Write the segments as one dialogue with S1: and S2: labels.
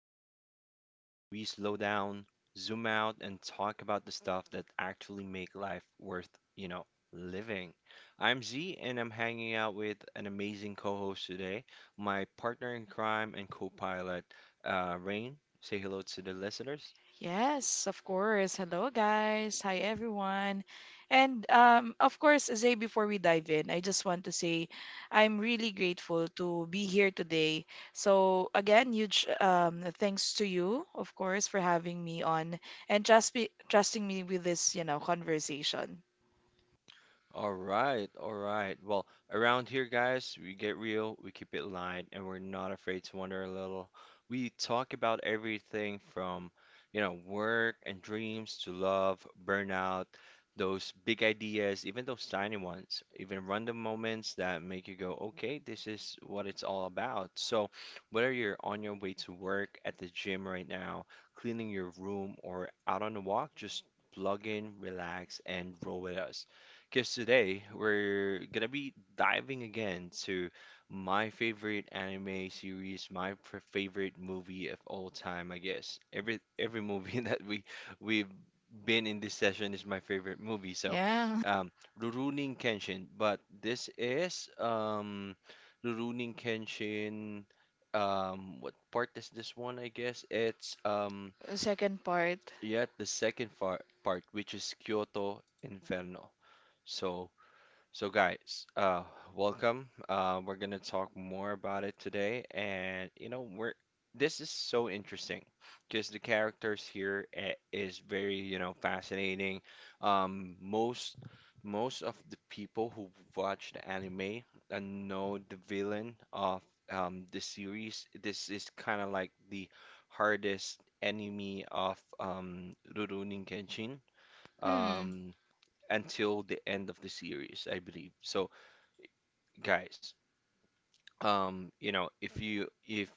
S1: Walkers, the space where we slow down, zoom out, and talk about the stuff that actually make life worth, you know, living. I'm Z, and I'm hanging out with an amazing co-host today, my partner in crime and co-pilot, Rain. Say hello to the listeners.
S2: Yes, of course. Hello, guys. Hi, everyone. And of course, Zay, before we dive in, I just want to say I'm really grateful to be here today. So, again, huge thanks to you, of course, for having me on and just be trusting me with this conversation.
S1: All right, all right. Well, around here, guys, we get real, we keep it light, and we're not afraid to wonder a little. We talk about everything from work and dreams to love, burnout, those big ideas, even those tiny ones, even random moments that make you go, okay, this is what it's all about. So, whether you're on your way to work, at the gym right now, cleaning your room, or out on a walk, just plug in, relax, and roll with us because today we're gonna be diving again to my favorite anime series, my favorite movie of all time, I guess. Every movie that we've been in this session is my favorite movie. So,
S2: Yeah.
S1: um, Rurouni Kenshin, but this is Rurouni Kenshin. What part is this one? I guess it's
S2: Second part.
S1: yet the second far part, which is Kyoto Inferno. So So, guys, welcome. We're gonna talk more about it today, and you know, we're this is so interesting because the characters here is very, fascinating. Um, most most of the people who watch the anime and know the villain of the series, this is kind of like the hardest enemy of Rurouni Kenshin.
S2: Mm.
S1: Um, until the end of the series, I believe. So, guys, you know,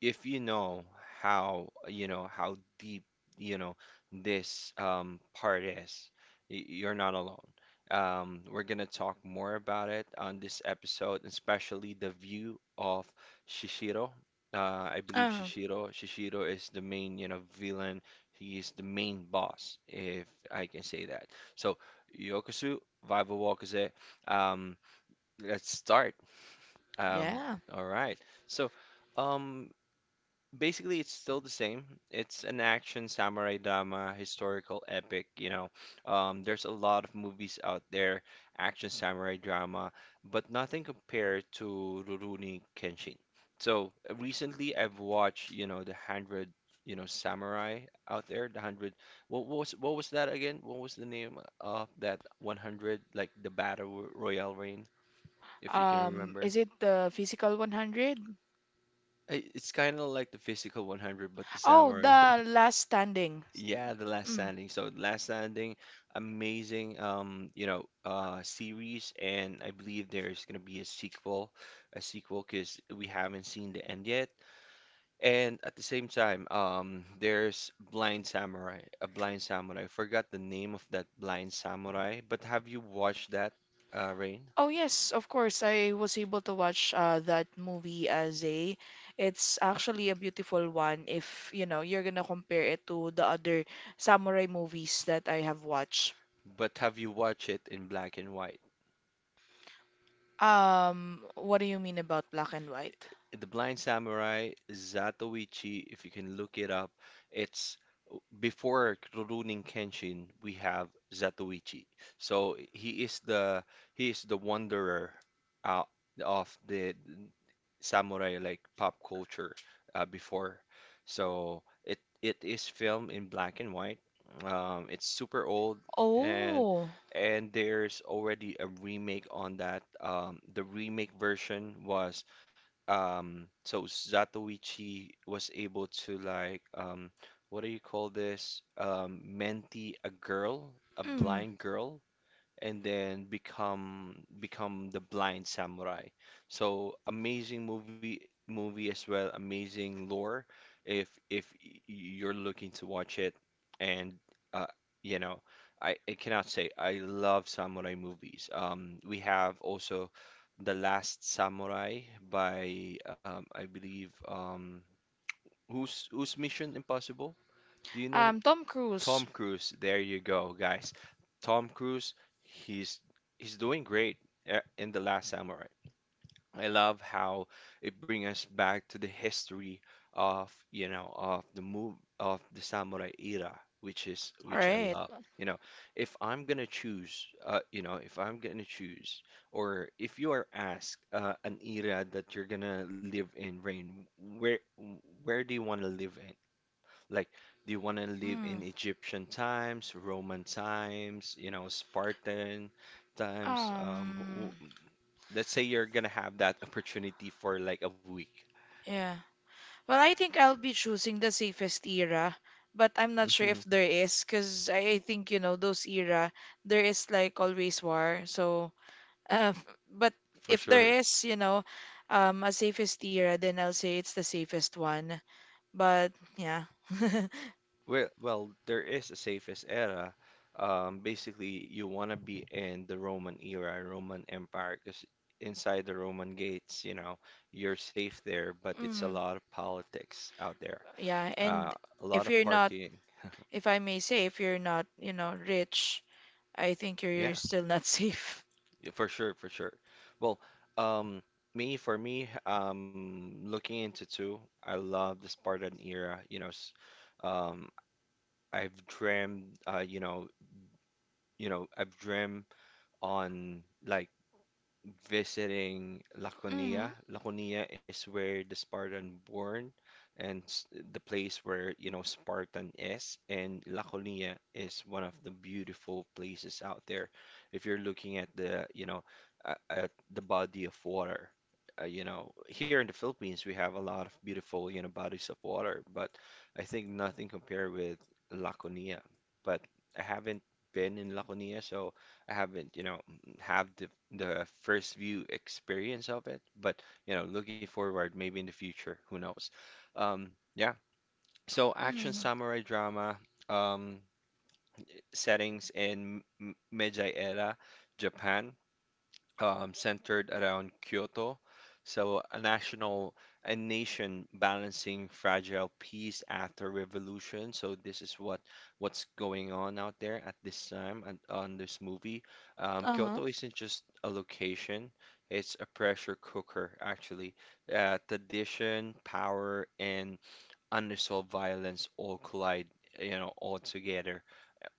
S1: if you know how how deep you know this part is, you're not alone. We're gonna talk more about it on this episode, especially the view of Shishiro. I believe
S2: Uh,
S1: Shishiro is the main, villain. He is the main boss, if I can say that. So, Yokosu Vival Wakaze, um let's start. um,
S2: yeah.
S1: all right. So, um, basically, it's still the same. It's an action samurai drama, historical epic. You know, there's a lot of movies out there, action samurai drama, but nothing compared to Rurouni Kenshin. So recently, I've watched the hundred, samurai out there. The hundred. What was that again? What was the name of that 100? Like the battle royale if you can remember.
S2: Is it the physical 100?
S1: It's kind of like the physical 100, but the
S2: Oh,
S1: samurai one.
S2: the last standing.
S1: Yeah, The Last
S2: Mm.
S1: Standing. So, The Last Standing, amazing, series, and I believe there's gonna be a sequel, because we haven't seen the end yet. And at the same time, there's Blind Samurai, a Blind Samurai. I forgot the name of that Blind Samurai, but have you watched that, Rain?
S2: Oh yes, of course. I was able to watch that movie as a. It's actually a beautiful one if, you know, you're gonna compare it to the other samurai movies that I have watched.
S1: But have you watched it in black and white?
S2: What do you mean about black and white?
S1: The Blind Samurai, Zatoichi, if you can look it up, it's before Rurouni Kenshin, we have Zatoichi. So he is the wanderer uh, of the samurai like pop culture before. So it is filmed in black and white. It's super old, and
S2: Oh,
S1: and there's already a remake on that. The remake version was, so Zatoichi was able to, like, what do you call this, mentee, a girl, a
S2: mm,
S1: blind girl, and then become the blind samurai. So amazing movie as well, amazing lore if you're looking to watch it. And uh you know, I cannot say I love samurai movies. We have also The Last Samurai by I believe, who's Mission Impossible? Do you know?
S2: Tom
S1: Tom
S2: Cruise.
S1: Cruise? There you go, guys. Tom Cruise, he's he's doing great in The Last Samurai. I love how it brings us back to the history of, you know, of the move of the samurai era, which is
S2: All
S1: which I
S2: right.
S1: love. You know, if I'm gonna choose, or if you are asked an era that you're gonna live in, Rain, where where do you want to live in? Like, do you want to live
S2: Mm,
S1: in Egyptian times, Roman times, you know, Spartan times?
S2: um,
S1: Let's say you're gonna have that opportunity for like a week.
S2: yeah. Well, I think I'll be choosing the safest era, but I'm not sure if there is, because I think, you know, those era, there is like always war. So, uh, but
S1: For
S2: if
S1: sure.
S2: there is, you know, a safest era, then I'll say it's the safest one. But yeah.
S1: Well, there is a safest era. Basically, you want to be in the Roman era, Roman Empire, because inside the Roman gates, you're safe there, but it's a
S2: Mm,
S1: lot of politics out there,
S2: yeah,
S1: uh,
S2: and
S1: a lot
S2: if
S1: of
S2: you're not,
S1: partying.
S2: if I may say, if you're not, you know, rich, I think you're
S1: Yeah,
S2: still not safe.
S1: yeah, for sure, for sure. Well, um, me for me, looking into two, I love the Spartan era. You know, s- um, I've dreamed, you know, I've dreamed on like visiting Laconia.
S2: Mm,
S1: Laconia is where the Spartan born, and the place where, you know, Spartan is. And Laconia is one of the beautiful places out there. If you're looking at the body of water, here in the Philippines, we have a lot of beautiful, bodies of water, but I think nothing compared with Laconia. But I haven't been in Laconia, so I haven't, have the first view experience of it, but looking forward, maybe in the future, who knows? Yeah. So action
S2: mm,
S1: samurai drama, um, settings in Meiji era, Japan, centered around Kyoto. So a nation balancing fragile peace after revolution. So this is what's going on out there at this time and on this movie.
S2: uh-huh.
S1: Kyoto isn't just a location; it's a pressure cooker, actually. Tradition, power, and unresolved violence all collide, all together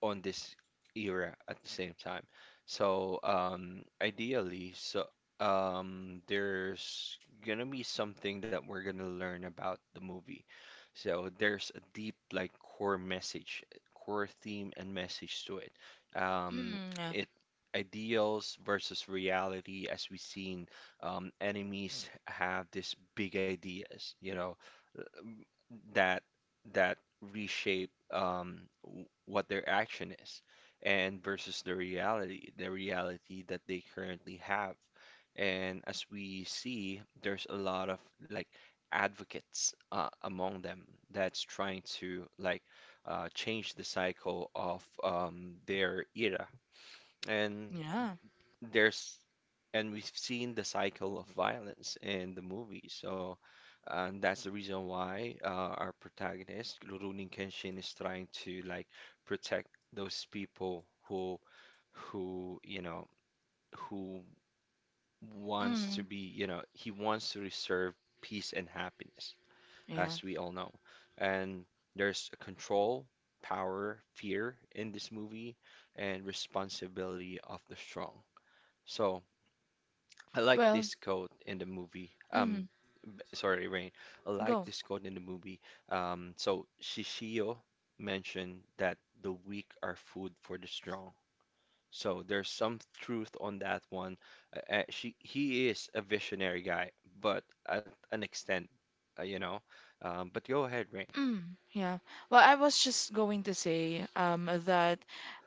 S1: on this era at the same time. So, ideally, so there's gonna be something that we're gonna learn about the movie. So there's a deep, like, core message, core theme and message to it. Um,
S2: Mm, yeah.
S1: it Ideals versus reality, as we've seen, enemies have these big ideas, you know, that that reshape, what their action is, and versus the reality that they currently have. And as we see, there's a lot of like advocates, among them, that's trying to like, change the cycle of, their era. and
S2: Yeah.
S1: there's and we've seen the cycle of violence in the movie. So, and that's the reason why our protagonist, Rurouni Kenshin, is trying to like protect those people who, who, you know, who wants to
S2: Mm.
S1: be, you know, he wants to reserve peace and happiness,
S2: Yeah.
S1: as we all know. And there's a control, power, fear in this movie, and responsibility of the strong. So, I like
S2: Well,
S1: this quote in the movie.
S2: mhm.
S1: Sorry, Rain. I like
S2: Go.
S1: this quote in the movie. So Shishio mentioned that the weak are food for the strong. So there's some truth on that one. She he is a visionary guy, but at an extent, you know. But go ahead, Rain.
S2: Mm, yeah. Well, I was just going to say that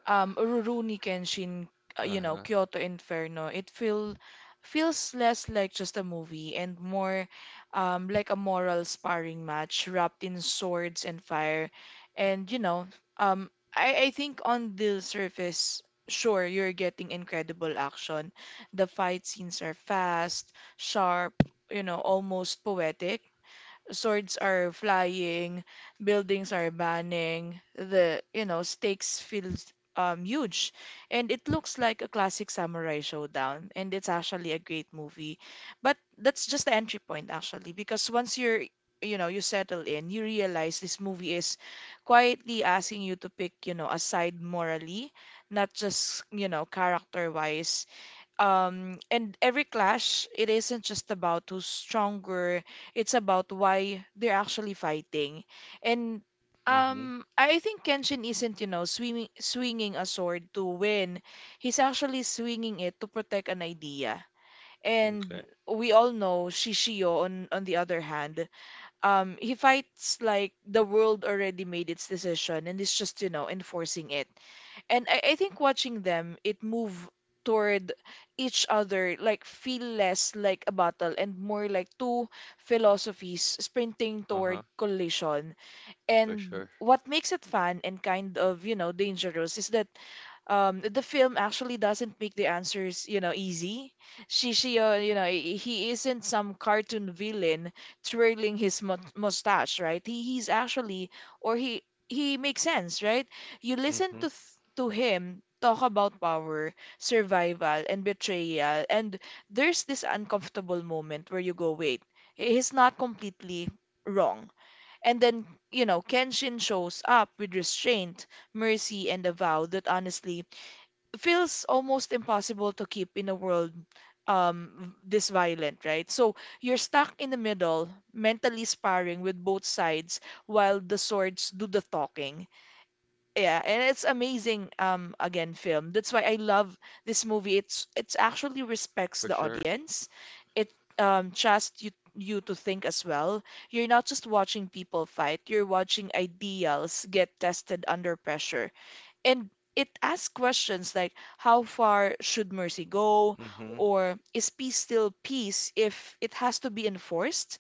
S2: Rurouni Kenshin, you know,
S1: Uh-huh.
S2: Kyoto Inferno, it feel feels less like just a movie and more like a moral sparring match wrapped in swords and fire. And you know, I think on the surface, sure, you're getting incredible action. The fight scenes are fast, sharp, you know, almost poetic swords are flying, buildings are burning, the, you know, stakes feels huge. And it looks like a classic samurai showdown, and it's actually a great movie. But that's just the entry point actually, because once you're you know you settle in you realize this movie is quietly asking you to pick you know a side morally not just you know character wise and every clash, it isn't just about who's stronger, it's about why they're actually fighting. And
S1: Mm-hmm.
S2: I think Kenshin isn't, you know, swinging a sword to win. He's actually swinging it to protect an idea. And
S1: Okay.
S2: we all know Shishio on the other hand, he fights like the world already made its decision and is just, you know, enforcing it. And I think watching them, it move toward each other, like feel less like a battle and more like two philosophies sprinting
S1: Uh-huh.
S2: toward collision.
S1: For sure.
S2: And what makes it fun and kind of, you know, dangerous is that the film actually doesn't make the answers you know easy she you know he isn't some cartoon villain twirling his mustache right he's actually or he makes sense right you listen
S1: Mm-hmm.
S2: to to him talk about power survival and betrayal and there's this uncomfortable moment where you go wait he's not completely wrong and then you know kenshin shows up with restraint mercy and a vow that honestly feels almost impossible to keep in a world this violent, right? So you're stuck in the middle, mentally sparring with both sides while the swords do the talking. Yeah, and it's amazing again film. That's why I love this movie. It's actually respects
S1: For
S2: the
S1: sure.
S2: audience. It trusts you to think as well. You're not just watching people fight, you're watching ideals get tested under pressure and it asks questions like how far should mercy go
S1: Mm-hmm.
S2: or is peace still peace if it has to be enforced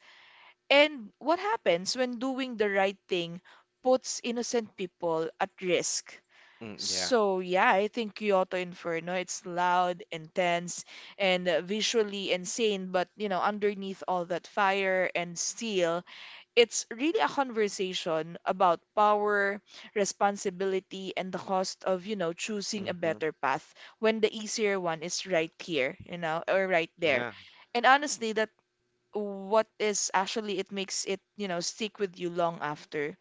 S2: and what happens when doing the right thing puts innocent people at risk
S1: Mm, yeah.
S2: so yeah I think kyoto inferno it's loud intense and visually insane but you know underneath all that fire and steel it's really a conversation about power, responsibility, and the cost of, you know, choosing a
S1: Mm-hmm.
S2: better path when the easier one is right here, you know, or right there.
S1: Yeah.
S2: And honestly, that what is actually it makes it, you know, stick with you long after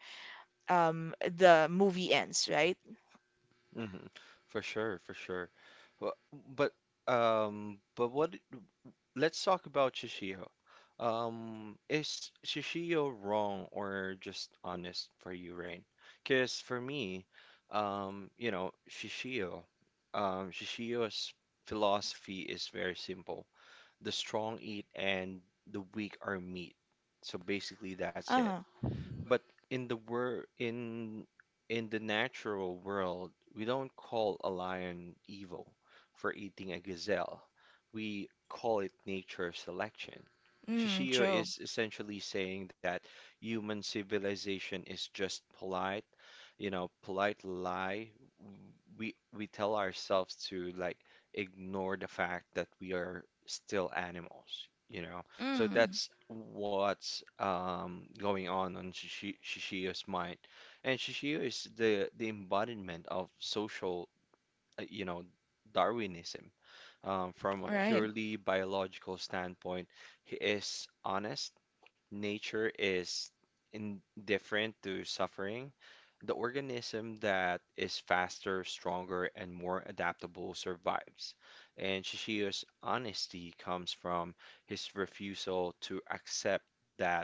S2: the movie ends, right?
S1: Hmm. For sure, for sure. Well, but but what? Let's talk about Shishio. Is Shishio wrong or just honest for you, Rain? Because for me, you know, Shishio's philosophy is very simple: the strong eat and the weak are meat. So basically, that's it.
S2: Uh-huh.
S1: But in the wor in in the natural world, we don't call a lion evil for eating a gazelle. We call it nature selection.
S2: Mm,
S1: Shishio
S2: true.
S1: is essentially saying that human civilization is just polite, lie. We tell ourselves to like ignore the fact that we are still animals, you know. So
S2: Mm,
S1: that's what's going on Shishio's mind. And Shishio is the embodiment of social, you know, Darwinism. From a
S2: right.
S1: purely biological standpoint, he is honest, nature is indifferent to suffering, the organism that is faster, stronger, and more adaptable survives. And Shishio's honesty comes from his refusal to accept that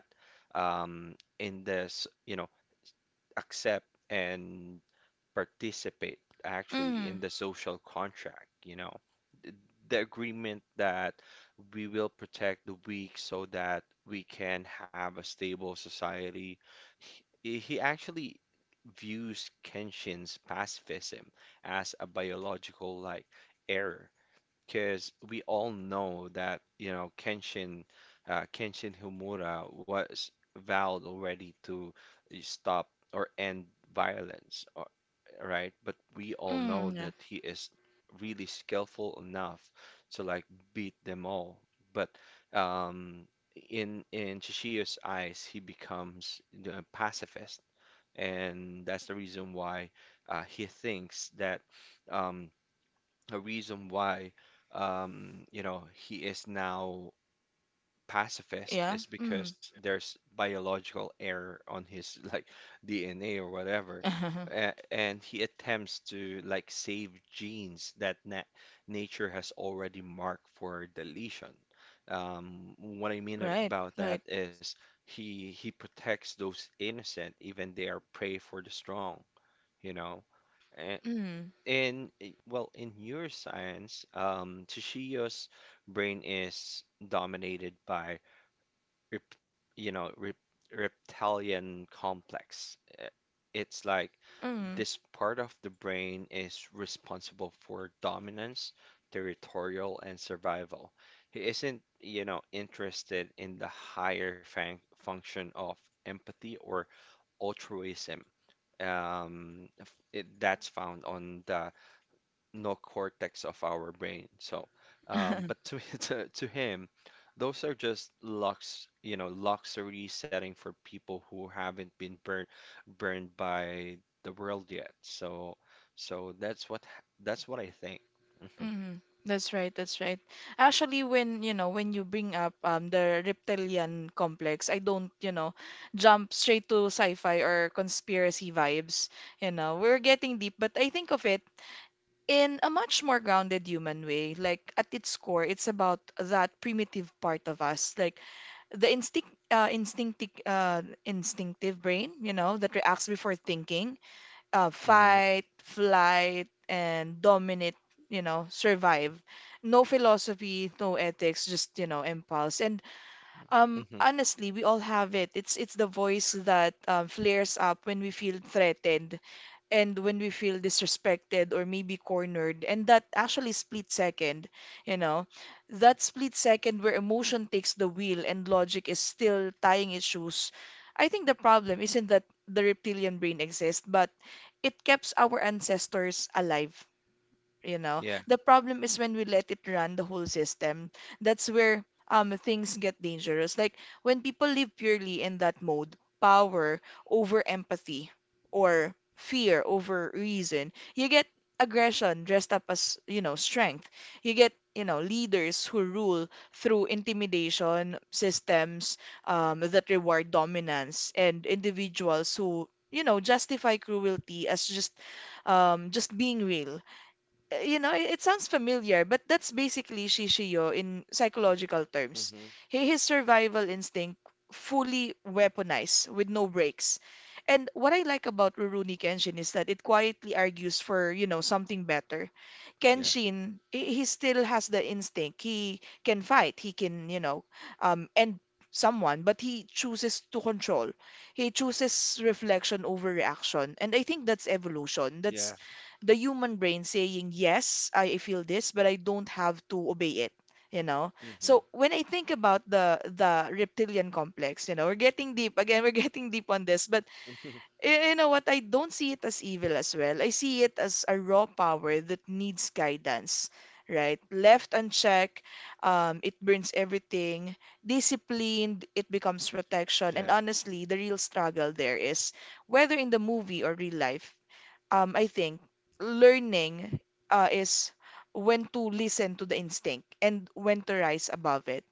S1: in this, you know, accept and participate actually in
S2: Mm,
S1: the social contract, Th- the agreement that we will protect the weak so that we can have a stable society. He actually views Kenshin's pacifism as a biological, like, error, because we all know that Kenshin, Himura was vowed already to stop or end violence, right? But we all know
S2: yeah.
S1: that he is really skillful enough to like beat them all. But um, in Chishio's eyes, he becomes the pacifist, and that's the reason why he thinks that. Um, a reason why he is now pacifist
S2: Yeah.
S1: is
S2: Mm.
S1: because there's biological error on his like DNA or whatever, A and he attempts to like save genes that na nature has already marked for deletion. What I mean
S2: Right,
S1: about that
S2: right.
S1: is he protects those innocent, even they are prey for the strong, you know.
S2: Mm,
S1: In i- well in neuroscience, Tsuchiya's brain is dominated by rep, you know rep, reptilian complex. It's like
S2: mm.
S1: this part of the brain is responsible for dominance, territorial, and survival. He isn't, you know, interested in the higher function of empathy or altruism, that's found on the no cortex of our brain. So, but to, to him, those are just luxury setting for people who haven't been burned by the world yet. So, so that's that's what I think. Hmm.
S2: Mm, that's right, that's right. Actually, when you know, when you bring up the reptilian complex, I don't, you know, jump straight to sci-fi or conspiracy vibes. You know, we're getting deep, but I think of it in a much more grounded human way. Like at its core, it's about that primitive part of us, like the instinct, instinctive brain, you know, that reacts before thinking
S1: Hmm.
S2: fight, flight, and dominate, you know, survive. No philosophy, no ethics, just, you know, impulse. And
S1: Hmm.
S2: honestly, we all have it. It's the voice that flares up when we feel threatened, and when we feel disrespected or maybe cornered and that actually split second you know that split second where emotion takes the wheel and logic is still tying its shoes I think the problem isn't that the reptilian brain exists but it keeps our ancestors alive you know
S1: Yeah.
S2: the problem is when we let it run the whole system that's where things get dangerous like when people live purely in that mode power over empathy or fear over reason you get aggression dressed up as you know strength you get you know leaders who rule through intimidation systems that reward dominance and individuals who you know justify cruelty as just being real you know, it sounds familiar, but that's basically Shishiyo in psychological terms.
S1: Hmm.
S2: His survival instinct fully weaponized with no breaks. And what I like about Rurouni Kenshin is that it quietly argues for, you know, something better.
S1: Yeah.
S2: Kenshin, he still has the instinct. He can fight. He can, you know, end someone, but he chooses to control. He chooses reflection over reaction. And I think that's evolution.
S1: Yeah.
S2: That's the human brain saying, yes, I feel this, but I don't have to obey it. You know,
S1: Hmm.
S2: so when I think about the reptilian complex, you know, we're getting deep again. We're getting deep on this, but
S1: Hmm.
S2: you know what? I don't see it as evil as well. I see it as a raw power that needs guidance, right? Left unchecked, it burns everything. Disciplined, it becomes protection.
S1: Yeah.
S2: And honestly, the real struggle there is whether in the movie or real life, I think learning is when to listen to the instinct and when to rise above it.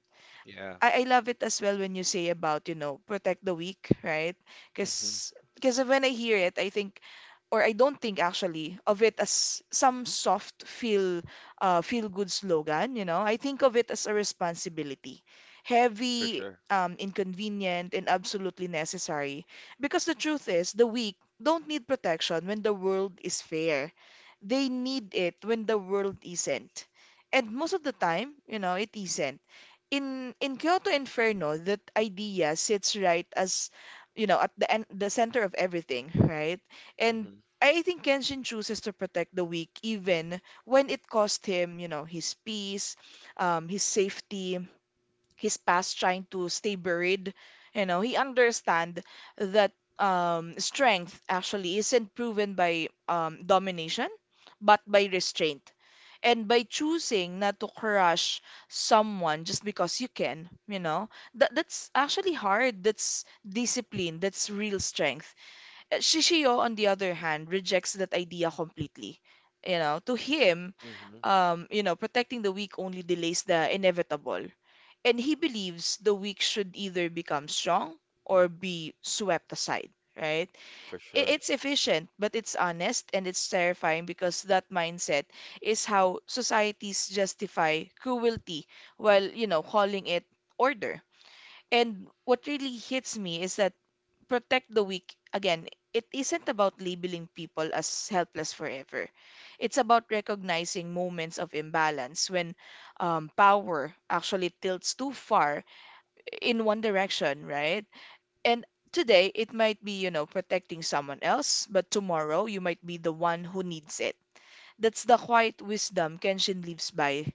S1: Yeah.
S2: I love it as well when you say about, you know, protect the weak, right?
S1: Hmm.
S2: Because when I hear it, I think or I don't think actually of it as some soft feel good slogan, you know. I think of it as a responsibility.
S1: For
S2: Heavy,
S1: sure.
S2: inconvenient and absolutely necessary because the truth is the weak don't need protection when the world is fair. They need it when the world isn't. And most of the time, you know, it isn't in Kyoto Inferno, that idea sits right as you know at the end, the center of everything, right? And
S1: Hmm.
S2: I think Kenshin chooses to protect the weak even when it cost him, you know, his peace, his safety, his past trying to stay buried you know he understand that strength actually isn't proven by domination but by restraint and by choosing not to crush someone just because you can you know that that's actually hard that's discipline that's real strength Shishio on the other hand rejects that idea completely you know to him
S1: Hmm.
S2: you know protecting the weak only delays the inevitable and he believes the weak should either become strong or be swept aside, right?
S1: For sure.
S2: It's efficient, but it's honest and it's terrifying because that mindset is how societies justify cruelty while, you know, calling it order. And what really hits me is that protect the weak, again, it isn't about labeling people as helpless forever. It's about recognizing moments of imbalance when power actually tilts too far in one direction, right? And today it might be, you know, protecting someone else, but tomorrow you might be the one who needs it. That's the quiet wisdom Kenshin lives by.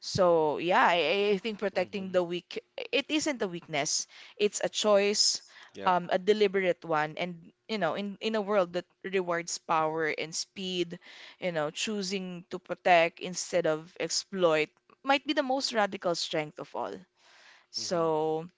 S2: So, yeah, I think protecting
S1: Hmm.
S2: the weak, it isn't a weakness. It's a choice,
S1: Yeah.
S2: a deliberate one. And, you know, in a world that rewards power and speed, you know, choosing to protect instead of exploit might be the most radical strength of all.
S1: Hmm.
S2: So,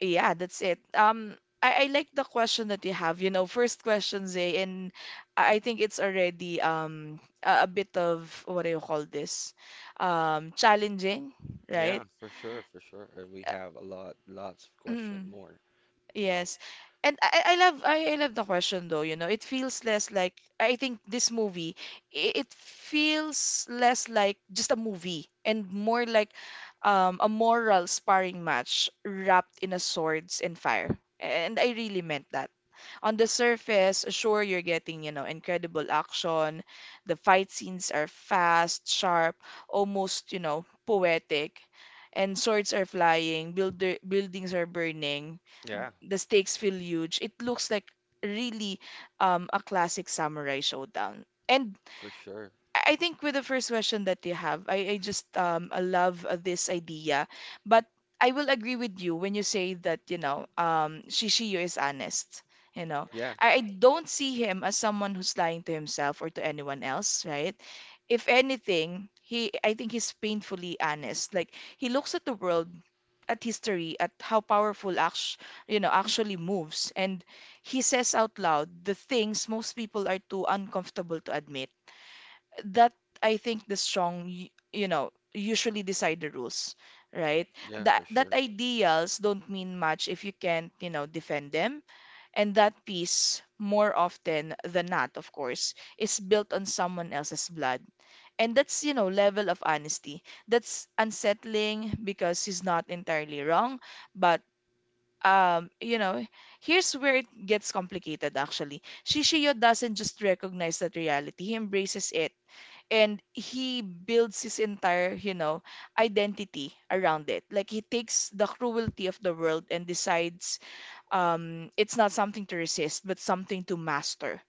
S2: yeah, that's it. I like the question that you have, you know, first question, Zay, and I think it's already a bit of what do you call this? Challenging, right?
S1: Yeah, for sure, for sure. And we have a lot, lots of question
S2: Mm,
S1: more, you know.
S2: yes. And I love I love the question though, you know. It feels less like I think this movie, I- it feels less like just a movie and more like a moral sparring match wrapped in a swords and fire. And I really meant that. On the surface, sure, you're getting, you know, incredible action. The fight scenes are fast, sharp, almost, you know, poetic. And swords are flying, buildings are burning,
S1: Yeah,
S2: the stakes feel huge. It looks like really a classic samurai showdown. And
S1: for sure.
S2: I think with the first question that you have, I just I love this idea, but I will agree with you when you say that you know Shishiyo is honest. You know,
S1: Yeah,
S2: I don't see him as someone who's lying to himself or to anyone else, right? If anything, he I think he's painfully honest. Like he looks at the world, at history, at how powerful act you know actually moves, and he says out loud the things most people are too uncomfortable to admit that I think the strong, you know, usually decide the rules, right?
S1: yeah, for
S2: That
S1: sure.
S2: that ideals don't mean much if you can't, you know, defend them. And that peace, more often than not, of course, is built on someone else's blood. And that's, you know, level of honesty. That's unsettling because he's not entirely wrong, but you know, here's where it gets complicated actually. Shishiyo doesn't just recognize that reality, he embraces it and he builds his entire you know identity around it like he takes the cruelty of the world and decides it's not something to resist but something to master.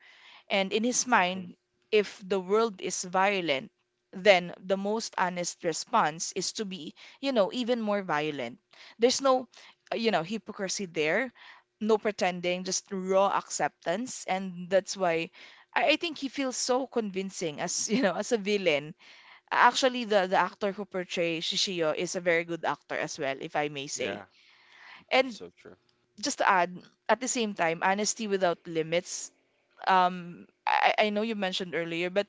S2: And in his
S1: Hmm.
S2: mind, if the world is violent, then the most honest response is to be, you know, even more violent. There's no, you know, hypocrisy there, no pretending, just raw acceptance. And that's why I think he feels so convincing as, you know, as a villain. Actually, the actor who portrays Shishio is a very good actor as well, if I may
S1: Yeah,
S2: say.
S1: that's
S2: And
S1: so true.
S2: just to add, at the same time, honesty without limits I know you mentioned earlier, but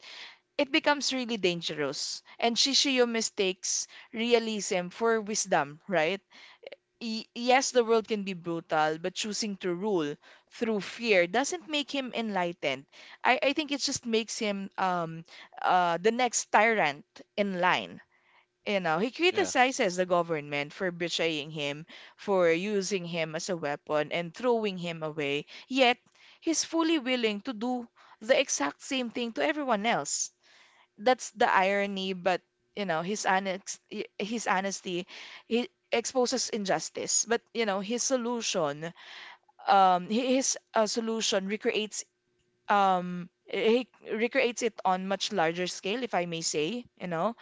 S2: it becomes really dangerous. And Shishiyo mistakes realism for wisdom, right? Y Yes, the world can be brutal, but choosing to rule through fear doesn't make him enlightened. I think it just makes him the next tyrant in line. You know, he
S1: Yeah.
S2: criticizes the government for betraying him, for using him as a weapon and throwing him away, yet he's fully willing to do the exact same thing to everyone else. That's the irony, but you know, his honest, his honesty, he exposes injustice. But you know, his solution, hi- his solution recreates, he recreates it on much larger scale, if I may say, you know.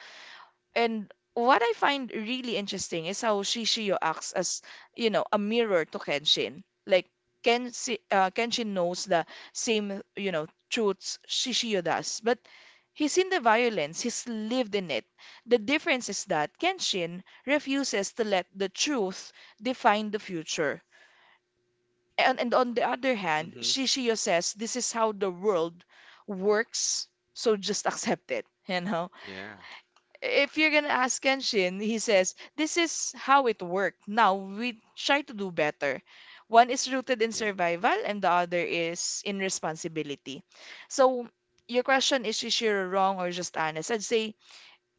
S2: And what I find really interesting is how Shishio acts as, you know, a mirror to Kenshin. Like Kenshin knows the same, you know, truths Shishio does, but he's in the violence, he's lived in it. The difference is that Kenshin refuses to let the truth define the future. And on the other hand,
S1: Hmm.
S2: Shishio says this is how the world works, so just accept it, you know?
S1: Yeah,
S2: If you're gonna ask Kenshin, he says, this is how it worked. Now we try to do better. One is rooted in
S1: yeah.
S2: survival and the other is in responsibility. So your question is Shishiro wrong or just honest? I'd say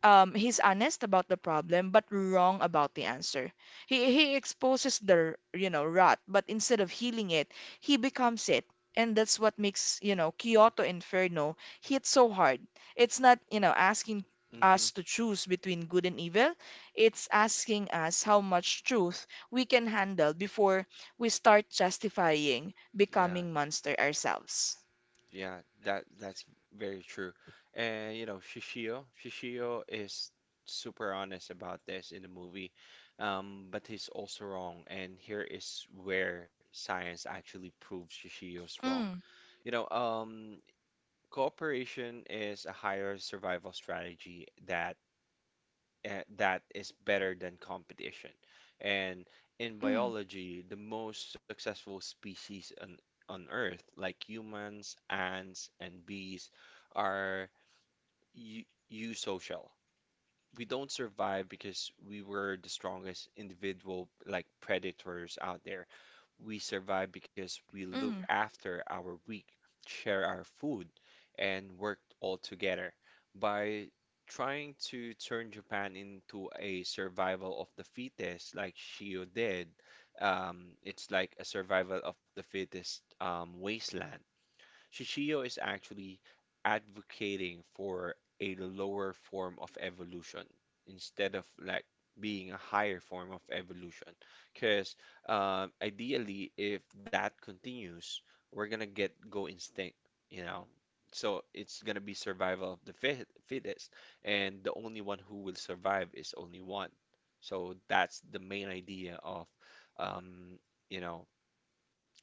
S2: he's honest about the problem but wrong about the answer. He exposes the you know rot, but instead of healing it, he becomes it. And that's what makes, you know, Kyoto Inferno hit so hard. It's not, you know, asking
S1: Hmm.
S2: us to choose between good and evil. It's asking us how much truth we can handle before we start justifying
S1: Yeah.
S2: becoming monster ourselves.
S1: Yeah, that that's very true. And you know, Shishio is super honest about this in the movie, but he's also wrong. And here is where science actually proves Shishio's wrong.
S2: Mm,
S1: You know, cooperation is a higher survival strategy that is better than competition. And in
S2: mm, mm,
S1: biology, the most successful species on Earth, like humans, ants, and bees, are eu- eusocial. We don't survive because we were the strongest individual, like predators out there. We survive because we look
S2: mm,
S1: after our weak, share our food, and work all together. By trying to turn Japan into a survival of the fittest, like Shio did, it's like a survival of the fittest, wasteland. Shishio is actually advocating for a lower form of evolution instead of like being a higher form of evolution. Because ideally, if that continues, we're gonna get go instinct, you know. So it's gonna be survival of the fittest, and the only one who will survive is only one. So that's the main idea of, um, you know,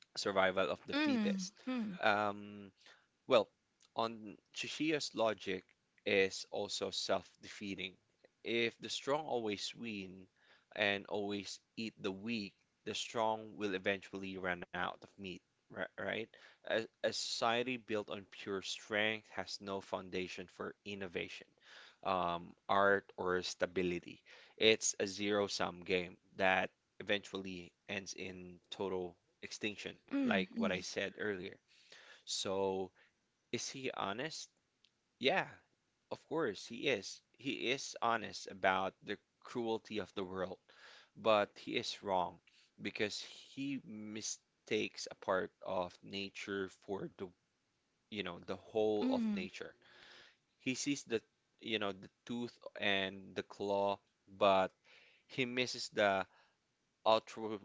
S1: survival of the fittest.
S2: hmm, mm,
S1: Um, well, on Chishia's logic is also self-defeating. If the strong always win and always eat the weak, the strong will eventually run out of meat, right? A society built on pure strength has no foundation for innovation, art, or stability. It's a zero-sum game that eventually ends in total extinction,
S2: mm,
S1: like what
S2: mm,
S1: I said earlier. So, is he honest? Yeah, of course he is. He is honest about the cruelty of the world, but he is wrong because he mistakes a part of nature for the, you know, the whole of
S2: mm,
S1: nature. He sees the, you know, the tooth and the claw, but he misses the altru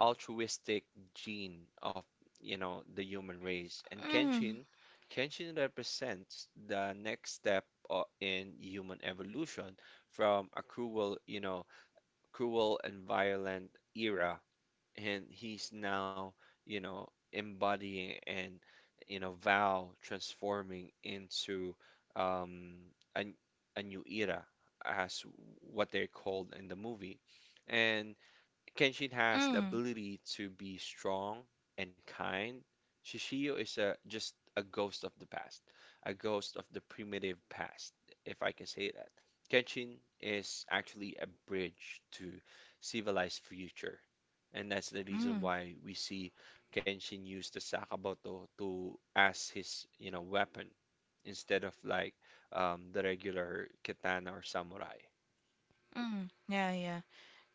S1: altruistic gene of, you know, the human race. And
S2: Mm,
S1: Kenshin represents the next step in human evolution from a cruel, you know, cruel and violent era. And he's now, you know, embodying and, you know, vow transforming into um, a, a new era as what they're called in the movie. And Kenshin has the
S2: mm,
S1: ability to be strong and kind. Shishio is a just a ghost of the past, a ghost of the primitive past, if I can say that. Kenshin is actually a bridge to civilized future, and that's the reason
S2: mm,
S1: why we see Kenshin use the Sakamoto to as his, you know, weapon instead of like the regular katana or samurai.
S2: mm. Yeah, yeah,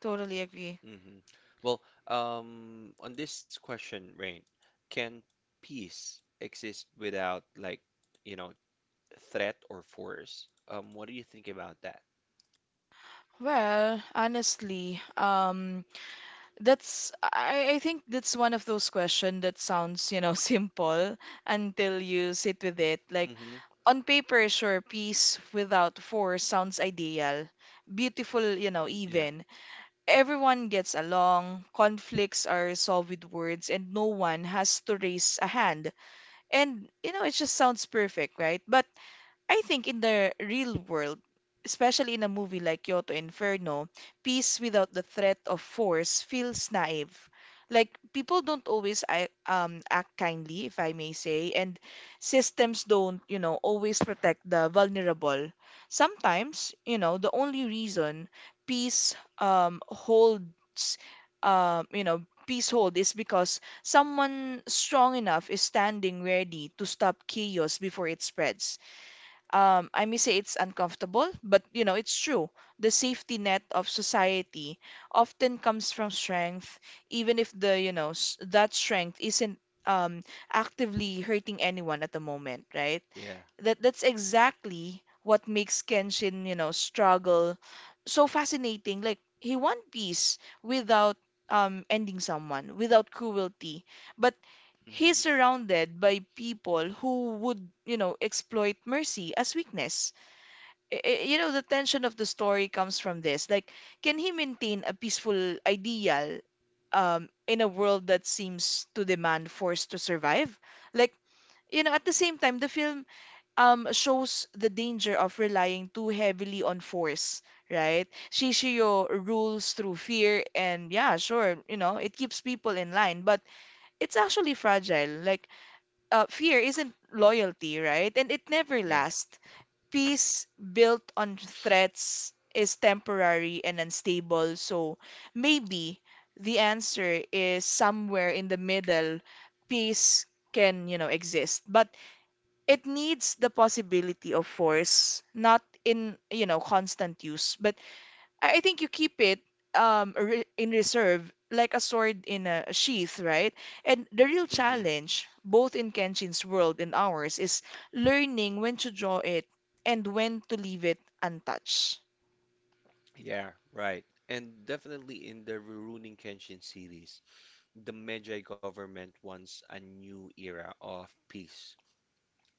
S2: totally agree.
S1: Hmm. Well, on this question, Rain, can peace exist without like, you know, threat or force? What do you think about that?
S2: Well, honestly, that's I think that's one of those questions that sounds, you know, simple until you sit with it. Like
S1: Mm-hmm.
S2: on paper, sure, peace without force sounds ideal, beautiful, you know,
S1: Yeah,
S2: even. Everyone gets along, conflicts are resolved with words, and no one has to raise a hand. And, you know, it just sounds perfect, right? But I think in the real world, especially in a movie like Kyoto Inferno, peace without the threat of force feels naive. Like people don't always act kindly, if I may say, and systems don't, you know, always protect the vulnerable. Sometimes, you know, the only reason peace holds, you know, peace hold is because someone strong enough is standing ready to stop chaos before it spreads. I may say it's uncomfortable, but you know, it's true. The safety net of society often comes from strength, even if the, you know, that strength isn't um, actively hurting anyone at the moment, right?
S1: yeah.
S2: That that's exactly what makes Kenshin, you know, struggle so fascinating. Like he won peace without ending someone, without cruelty. But
S1: Hmm.
S2: he's surrounded by people who would, you know, exploit mercy as weakness. You know, the tension of the story comes from this. Like, can he maintain a peaceful ideal in a world that seems to demand force to survive? Like, you know, at the same time, the film shows the danger of relying too heavily on force, right? Shishio rules through fear and yeah, sure, you know, it keeps people in line, but it's actually fragile. Like fear isn't loyalty, right? And it never
S1: Yeah.
S2: lasts. Peace built on threats is temporary and unstable, so maybe the answer is somewhere in the middle. Peace can, you know, exist. But it needs the possibility of force, not in you know constant use. But I think you keep it in reserve like a sword in a sheath, right? And the real
S1: Hmm.
S2: challenge, both in Kenshin's world and ours, is learning when to draw it and when to leave it untouched.
S1: Yeah, right. And definitely in the Rurouni Kenshin series, the Meiji government wants a new era of peace,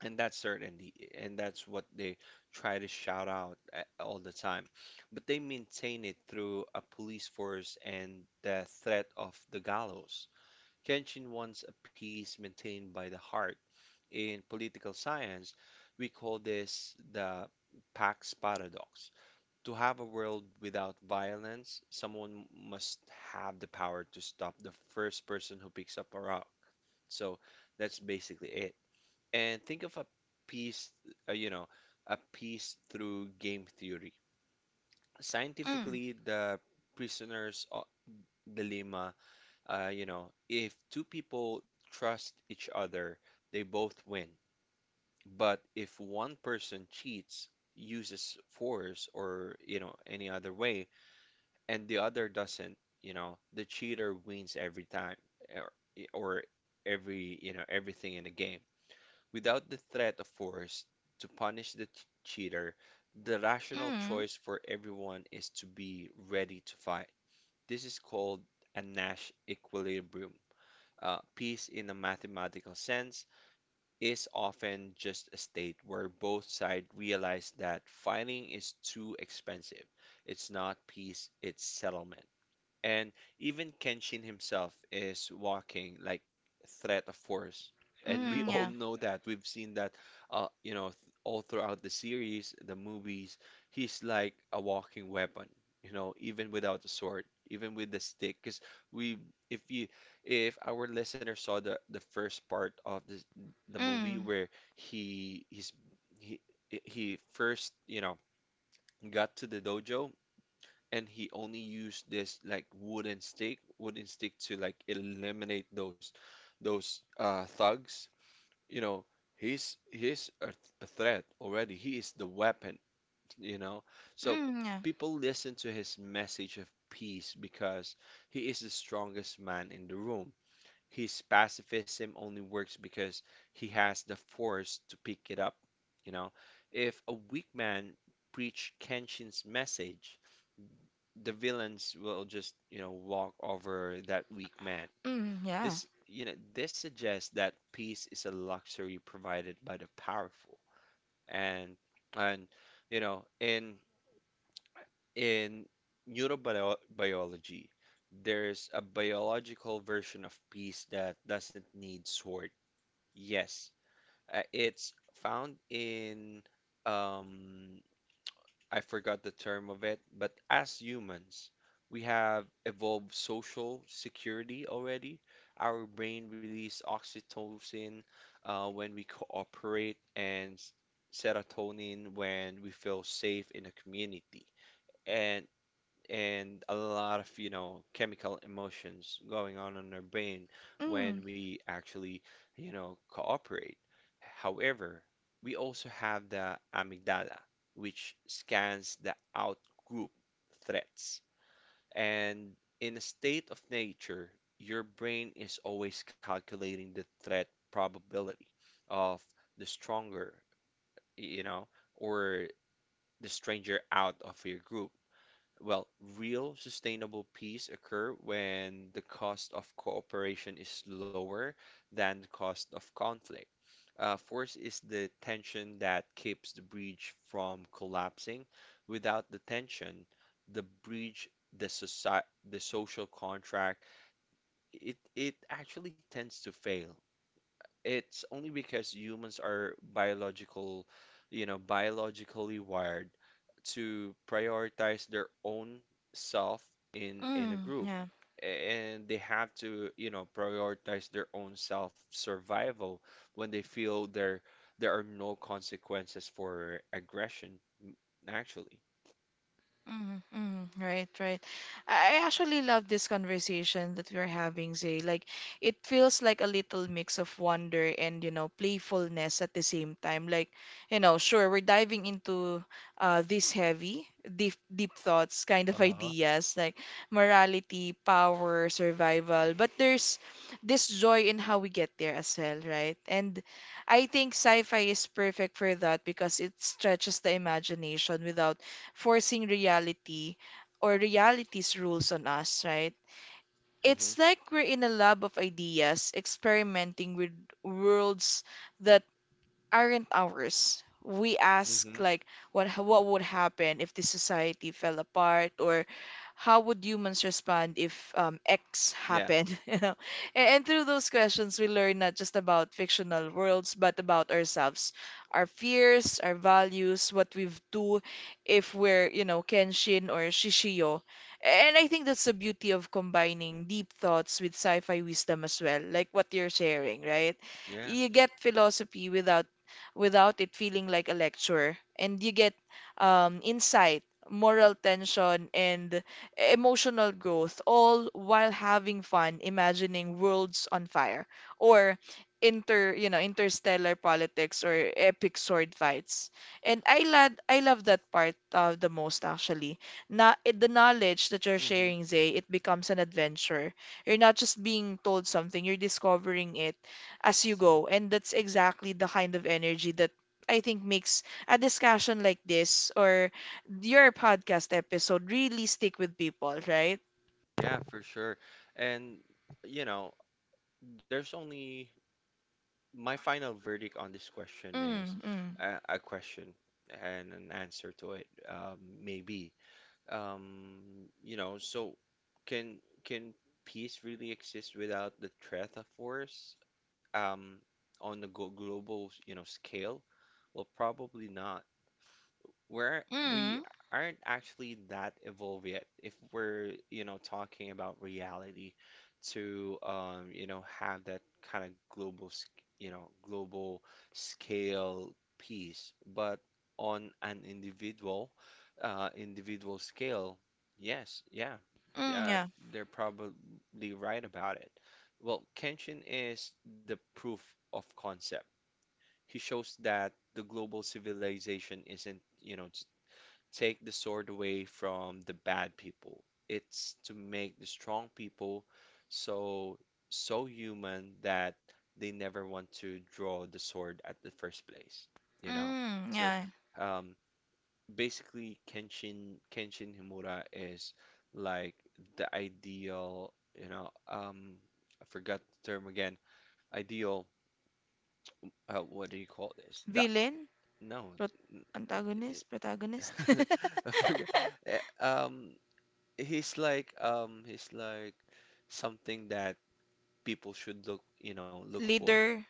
S1: and that's certainty, and that's what they try to shout out all the time, but they maintain it through a police force and the threat of the gallows. Kenshin wants a peace maintained by the heart. In political science, we call this the pax paradox. To have a world without violence, someone must have the power to stop the first person who picks up a rock. So that's basically it. And think of a piece, uh, you know, piece through game theory.
S2: Mm,
S1: Scientifically, the prisoner's o- dilemma, you know, if two people trust each other, they both win. But if one person cheats, uses force, or, you know, any other way, and the other doesn't, you know, the cheater wins every time or, or every, you know, everything in the game. Without the threat of force to punish the cheater, the rational
S2: mm,
S1: choice for everyone is to be ready to fight. This is called a Nash equilibrium. Peace, in a mathematical sense, is often just a state where both sides realize that fighting is too expensive. It's not peace, it's settlement. And even Kenshin himself is walking like threat of force. And we all
S2: yeah.
S1: know that. We've seen that you know, th all throughout the series, the movies, he's like a walking weapon, you know, even without the sword, even with the stick. Because we if you if our listener saw the first part of this the movie
S2: Mm,
S1: where he he's he he first, you know, got to the dojo and he only used this like wooden stick to like eliminate those thugs. You know, he's a threat already. He is the weapon, you know. So
S2: yeah.
S1: people listen to his message of peace because he is the strongest man in the room. His pacifism only works because he has the force to pick it up, you know. If a weak man preach Kenshin's message, the villains will just, you know, walk over that weak man.
S2: Yeah.
S1: This, you know, this suggests that peace is a luxury provided by the powerful. And and you know, in neurobiology, there's a biological version of peace that doesn't need sword. Yes, it's found in um, I forgot the term of it, but as humans, we have evolved social security already. Our brain releases oxytocin when we cooperate, and serotonin when we feel safe in a community. And a lot of, you know, chemical emotions going on in our brain
S2: Mm,
S1: when we actually, you know, cooperate. However, we also have the amygdala, which scans the out-group threats. And in a state of nature, your brain is always calculating the threat probability of the stronger, you know, or the stranger out of your group. Well, real sustainable peace occur when the cost of cooperation is lower than the cost of conflict. Force is the tension that keeps the bridge from collapsing. Without the tension, the bridge, the society, the social contract, it actually tends to fail. It's only because humans are biologically wired to prioritize their own self in a group.
S2: Yeah.
S1: And they have to, you know, prioritize their own self survival when they feel there are no consequences for aggression, actually.
S2: Mm-hmm, mm-hmm. Right, right. I actually love this conversation that we're having, Zay. Like, it feels like a little mix of wonder and, you know, playfulness at the same time. Like, you know, sure, we're diving into these heavy, deep, deep thoughts kind of ideas, like morality, power, survival. But there's this joy in how we get there as well, right? And I think sci-fi is perfect for that because it stretches the imagination without forcing reality or reality's rules on us, right?
S1: Hmm.
S2: It's like we're in a lab of ideas experimenting with worlds that aren't ours. We ask
S1: Hmm.
S2: like what would happen if the society fell apart or how would humans respond if X
S1: Yeah.
S2: happened, you know? And through those questions, we learn not just about fictional worlds, but about ourselves, our fears, our values, what we've do if we're, you know, Kenshin or Shishio. And I think that's the beauty of combining deep thoughts with sci-fi wisdom as well, like what you're sharing, right?
S1: Yeah.
S2: You get philosophy without without it feeling like a lecture. And you get insight, moral tension, and emotional growth, all while having fun imagining worlds on fire or you know, interstellar politics or epic sword fights. And I love that part the most actually. Not the knowledge that you're
S1: Hmm.
S2: sharing, Zay, it becomes an adventure. You're not just being told something, you're discovering it as you go. And that's exactly the kind of energy that I think makes a discussion like this or your podcast episode really stick with people, right?
S1: Yeah, for sure. And you know, there's only my final verdict on this question is
S2: Mm, mm,
S1: a question and an answer to it, maybe. You know, so can can peace really exist without the threat of force? Um, on the go global, you know, scale? Well, probably not, we're we
S2: Mm,
S1: aren't actually that evolved yet if we're, you know, talking about reality to you know, have that kind of global, sc- you know, global scale piece. But on an individual scale, yes, yeah, yeah,
S2: yeah.
S1: they're probably right about it. Well, Kenshin is the proof of concept. He shows that the global civilization isn't, you know, take the sword away from the bad people. It's to make the strong people so so human that they never want to draw the sword at the first place, you know? So
S2: Yeah.
S1: um, basically Kenshin Himura is like the ideal, you know, I forgot the term again. Ideal, what do you call this? The
S2: Villain,
S1: no,
S2: prot
S1: n- uh, it-
S2: antagonist, protagonist,
S1: I forgot. Eh, Um, he's like something that people should look, you know, look for.
S2: leader,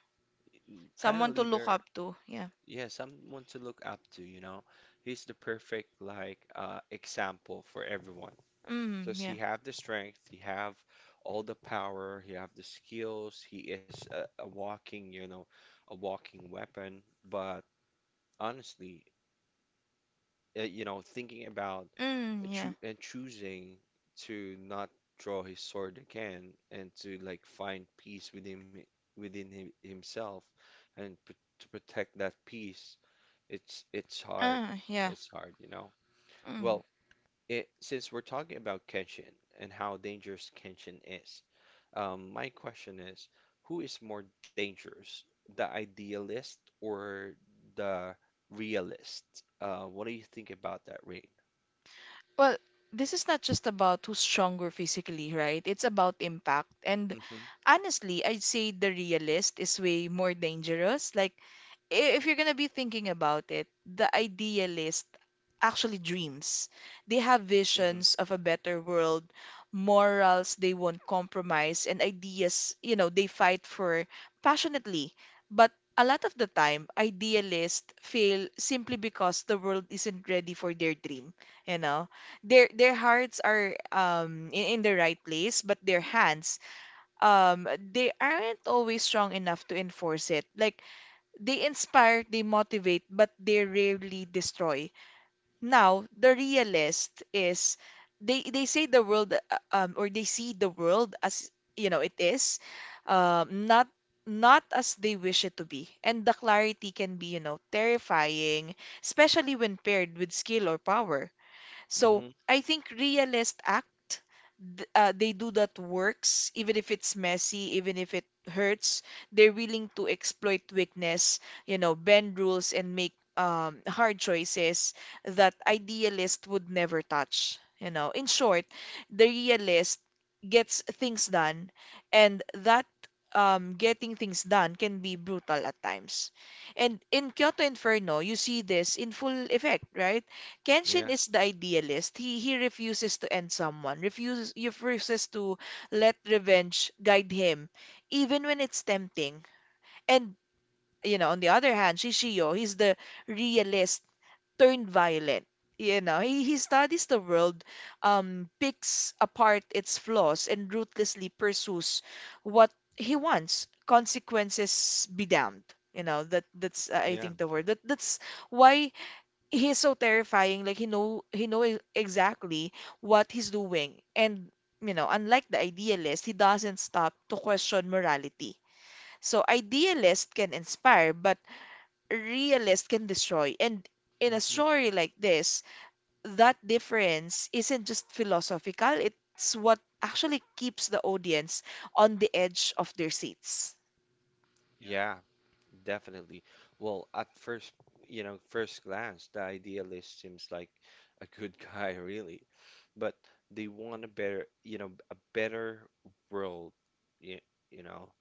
S1: Kind of
S2: someone to look
S1: leader.
S2: up to. Yeah.
S1: Yeah, someone to look up to, you know. He's the perfect like example for everyone. Because
S2: Yeah.
S1: he have the strength, he have all the power, he have the skills, he is a walking, you know, a walking weapon. But honestly, you know, thinking about
S2: Yeah.
S1: choosing to not draw his sword again and to like find peace within him, himself, and p to protect that peace, it's hard.
S2: Ah, yeah.
S1: It's hard, you know.
S2: Mm.
S1: Well, it, since we're talking about Kenshin and how dangerous Kenshin is, my question is, who is more dangerous, the idealist or the realist? What do you think about that, Ray?
S2: Well, this is not just about who's stronger physically, right? It's about impact. And
S1: Mm-hmm.
S2: honestly, I'd say the realist is way more dangerous. Like, if you're gonna be thinking about it, the idealist actually dreams. They have
S1: Mm-hmm.
S2: visions of a better world, morals they won't compromise, and ideas, you know, they fight for passionately. But a lot of the time, idealists fail simply because the world isn't ready for their dream. You know, their hearts are in the right place, but their hands they aren't always strong enough to enforce it. Like they inspire, they motivate, but they rarely destroy. Now, the realist is they say the world or they see the world as you know it is, not not as they wish it to be. And the clarity can be, you know, terrifying, especially when paired with skill or power. So
S1: Mm-hmm.
S2: I think realist act, they do that works, even if it's messy, even if it hurts. They're willing to exploit weakness, you know, bend rules and make hard choices that idealist would never touch. You know, in short, the realist gets things done, and that getting things done can be brutal at times. And in Kyoto Inferno, you see this in full effect, right? Kenshin
S1: Yeah.
S2: is the idealist. He refuses to end someone, refuses to let revenge guide him, even when it's tempting. And you know, on the other hand, Shishio, he's the realist turned violent. You know, he studies the world, picks apart its flaws, and ruthlessly pursues what he wants. Consequences be damned. You know, that that's I
S1: Yeah.
S2: think the word. That's why he is so terrifying. Like, exactly what he's doing, and you know, unlike the idealist, he doesn't stop to question morality. So idealist can inspire, but realist can destroy, and in a
S1: Mm-hmm.
S2: story like this, that difference isn't just philosophical, it's what actually keeps the audience on the edge of their seats.
S1: Yeah, definitely. Well, at first, first glance, the idealist seems like a good guy, really. But they want a better, a better world, you, you know.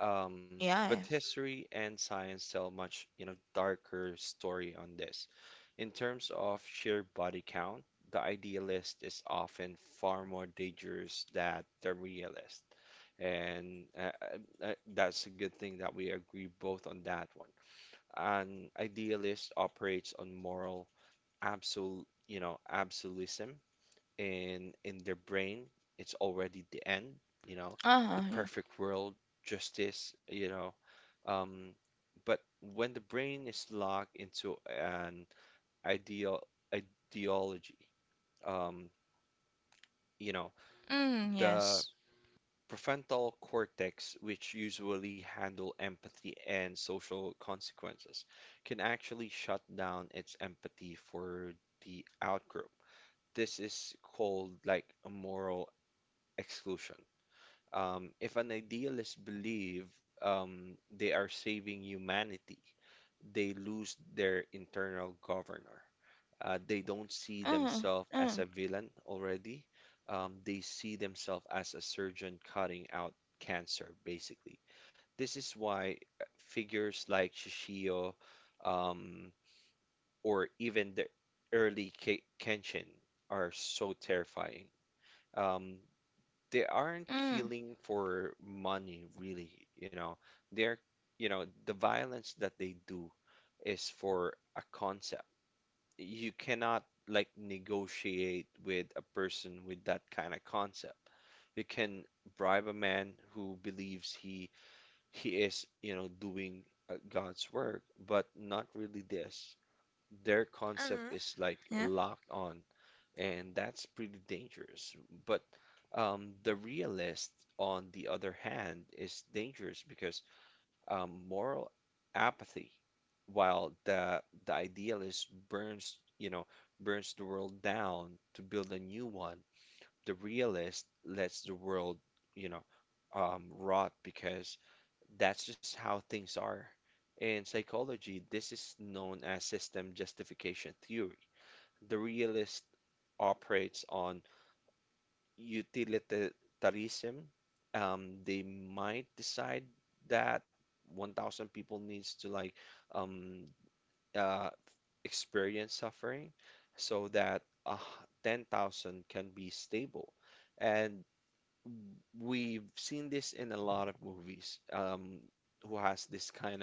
S1: But
S2: Yeah.
S1: history and science tell much, darker story on this. In terms of sheer body count, the idealist is often far more dangerous than the realist. And that's a good thing that we agree both on that one. An idealist operates on moral absolute, absolutism in their brain. It's already the end, you know,
S2: Uh-huh,
S1: the
S2: yeah.
S1: perfect world, justice, you know. Um, but when the brain is locked into an ideal ideology, um, you know,
S2: Mm,
S1: the
S2: yes.
S1: prefrontal cortex, which usually handle empathy and social consequences, can actually shut down its empathy for the outgroup. This is called like a moral exclusion. If an idealist believe they are saving humanity, they lose their internal governor. They don't see
S2: Uh-huh.
S1: themselves
S2: Uh-huh.
S1: as a villain already. They see themselves as a surgeon cutting out cancer, basically. This is why figures like Shishio um, or even the early Kenshin are so terrifying. Um, they aren't
S2: Mm.
S1: killing for money really, you know they're, the violence that they do is for a concept. You cannot like negotiate with a person with that kind of concept. You can bribe a man who believes he is, doing God's work, but not really this. Their concept
S2: Uh-huh.
S1: is like locked on, and that's pretty dangerous. But the realist, on the other hand, is dangerous because moral apathy. While the idealist burns, burns the world down to build a new one, the realist lets the world, you know, rot because that's just how things are. In psychology, this is known as system justification theory. The realist operates on utilitarianism. They might decide that 1,000 people needs to like um, uh, experience suffering so that 10,000 can be stable. And we've seen this in a lot of movies who has this kind of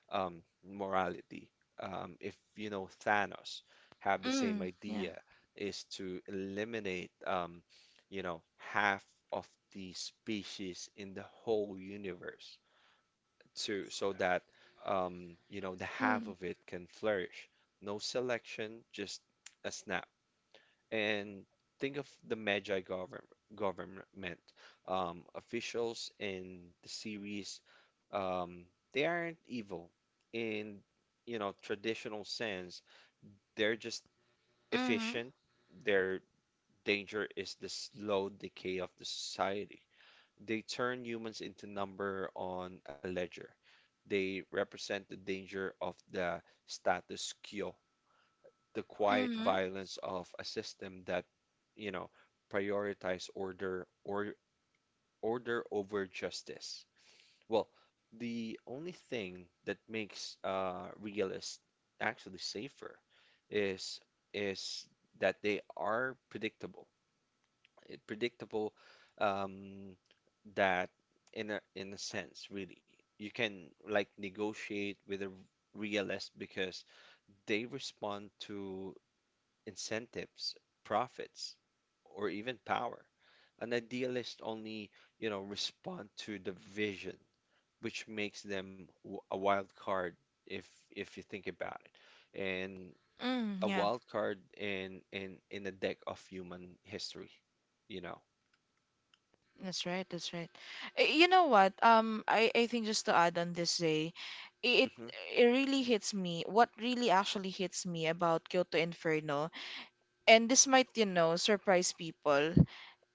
S1: morality. If you know Thanos have the same
S2: Mm, yeah.
S1: idea, is to eliminate half of the species in the whole universe, to so that the half of it can flourish. No selection, just a snap. And think of the Magi govern government officials in the series. Um, they aren't evil in, traditional sense. They're just efficient. Their danger is the slow decay of the society. They turn humans into number on a ledger. They represent the danger of the status quo, the quiet
S2: Mm,
S1: violence of a system that, you know, prioritize order over justice. Well, the only thing that makes realists actually safer is is that they are predictable. Predictable um, that in a sense, really, you can like negotiate with a realist because they respond to incentives, profits, or even power. An idealist only, respond to the vision, which makes them a wild card if you think about it. And
S2: mm,
S1: a
S2: yeah.
S1: wild card in in a deck of human history, you know.
S2: That's right. That's right. You know what? I think just to add on this day, it
S1: hmm
S2: it really hits me. What really actually hits me about Kyoto Inferno, and this might, you know, surprise people,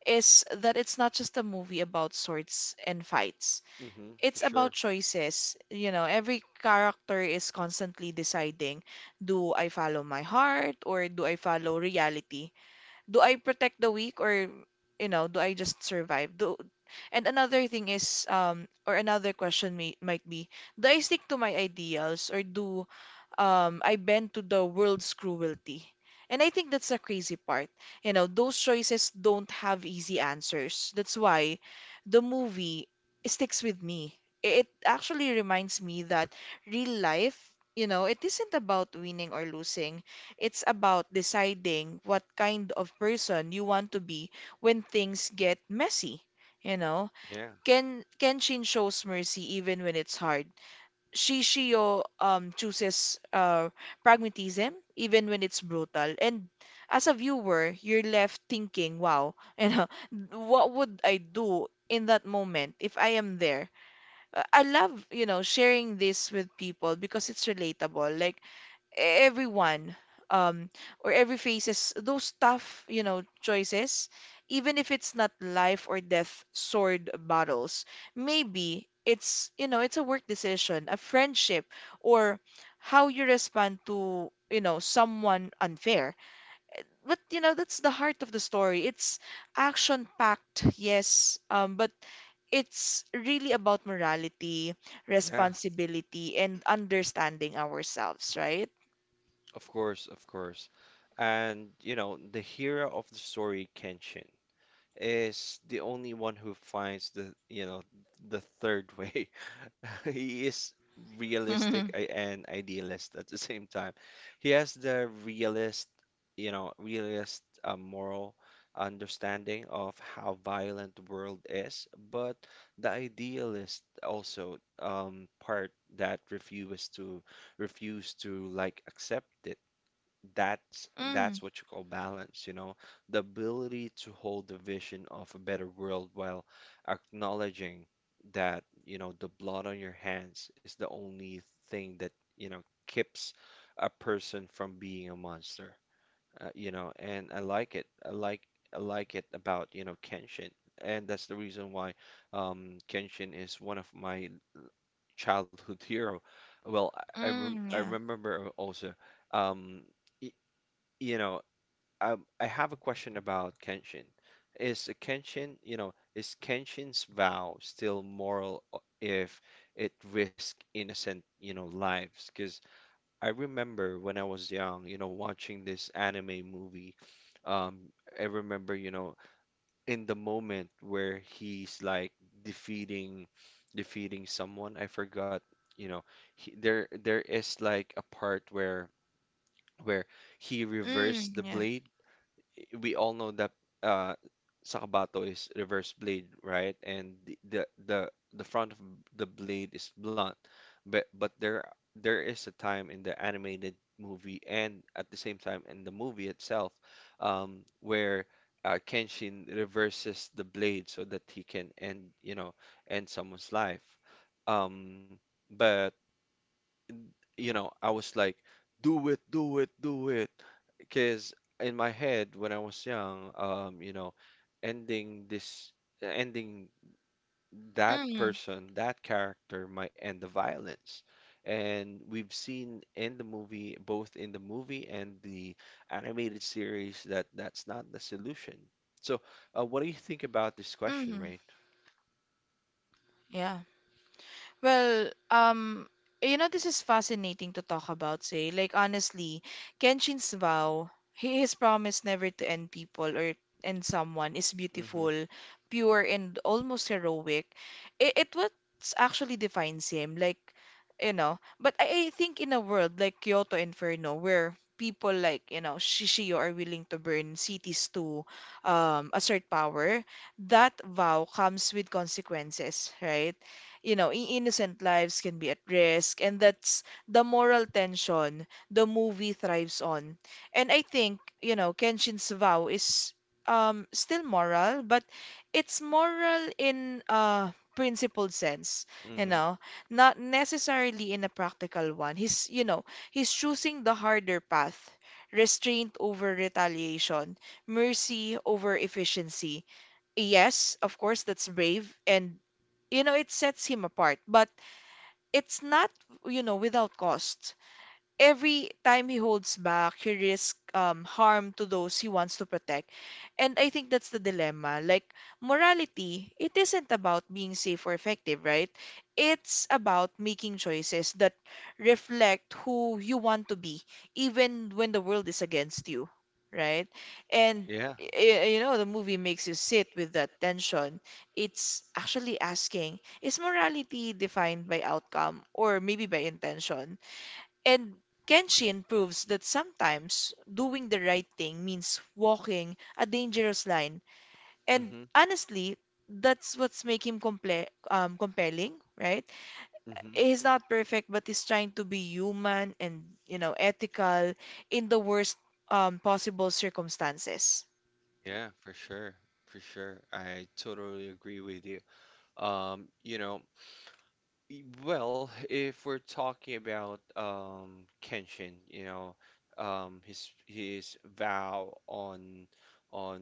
S2: is that it's not just a movie about swords and fights.
S1: For
S2: It's about
S1: sure.
S2: choices. You know, every character is constantly deciding, do I follow my heart or do I follow reality? Do I protect the weak, or you know, do I just survive? Do And another thing is, or another question might be, do I stick to my ideals, or do I bend to the world's cruelty? And I think that's a crazy part. You know, those choices don't have easy answers. That's why the movie sticks with me. It actually reminds me that real life, you know, it isn't about winning or losing. It's about deciding what kind of person you want to be when things get messy. You know,
S1: Yeah.
S2: Kenshin shows mercy even when it's hard. Shishio chooses pragmatism even when it's brutal. And as a viewer, you're left thinking, wow, you know, what would I do in that moment if I am there? I love, you know, sharing this with people because it's relatable. Like, everyone um or every faces those tough, you know, choices, even if it's not life or death sword battles. Maybe it's, you know, it's a work decision, a friendship, or how you respond to, you know, someone unfair. But you know, that's the heart of the story. It's action packed, yes, but it's really about morality,
S1: Yeah.
S2: responsibility, and understanding ourselves, right?
S1: Of course, of course. And, the hero of the story, Kenshin, is the only one who finds the, the third way. He is realistic
S2: Mm,
S1: and idealist at the same time. He has the realist, realist moral understanding of how violent the world is, but the idealist also part that refuses to like accept it. that's
S2: mm,
S1: that's what you call balance, you know, the ability to hold the vision of a better world while acknowledging that, the blood on your hands is the only thing that, keeps a person from being a monster. You know, and I like it. I like it about, Kenshin. And that's the reason why Kenshin is one of my childhood hero. Well,
S2: mm,
S1: I
S2: yeah.
S1: remember also um, y- you know, I have a question about Kenshin. Is a Kenshin, you know, is Kenshin's vow still moral if it risks innocent, lives? Because I remember when I was young, watching this anime movie. Um, I remember, in the moment where he's like defeating, defeating someone. I forgot, you know, he, there is like a part where he
S2: Mm,
S1: reversed the
S2: yeah.
S1: blade. We all know that uh, Sakabato is reverse blade, right? And the front of the blade is blunt, but there there is a time in the animated movie and at the same time in the movie itself, where Kenshin reverses the blade so that he can end, end someone's life. Um, but you know, I was like, do it, do it, do it. Because in my head, when I was young, ending this, ending that
S2: Mm,
S1: person, that character might end the violence. And we've seen in the movie, both in the movie and the animated series, that that's not the solution. So, what do you think about this question,
S2: mm,
S1: Rain?
S2: yeah. Well, you know, this is fascinating to talk about, say. Like, honestly, Kenshin's vow, he his promise never to end people or end someone, is
S1: Mm-hmm.
S2: beautiful, pure, and almost heroic. It what actually defines him, like, you know. But I think in a world like Kyoto Inferno, where people like, you know, Shishio are willing to burn cities to assert power, that vow comes with consequences, right? You know, innocent lives can be at risk. And that's the moral tension the movie thrives on. And I think, you know, Kenshin's vow is still moral, but it's moral in a principled sense, you
S1: Mm-hmm.
S2: know, not necessarily in a practical one. He's, you know, he's choosing the harder path. Restraint over retaliation, mercy over efficiency. Yes, of course, that's brave and, you know, it sets him apart. But it's not, you know, without cost. Every time he holds back, he risks harm to those he wants to protect. And I think that's the dilemma. Like, morality, it isn't about being safe or effective, right? It's about making choices that reflect who you want to be, even when the world is against you, right? And
S1: Yeah.
S2: you know, the movie makes you sit with that tension. It's actually asking, is morality defined by outcome or maybe by intention? And Kenshin proves that sometimes doing the right thing means walking a dangerous line. And
S1: Mm-hmm.
S2: honestly, that's what's making him comple compelling, right?
S1: Mm-hmm.
S2: He's not perfect, but he's trying to be human and, you know, ethical in the worst possible circumstances.
S1: Yeah, for sure. For sure. I totally agree with you. You know, well, if we're talking about Kenshin, his vow on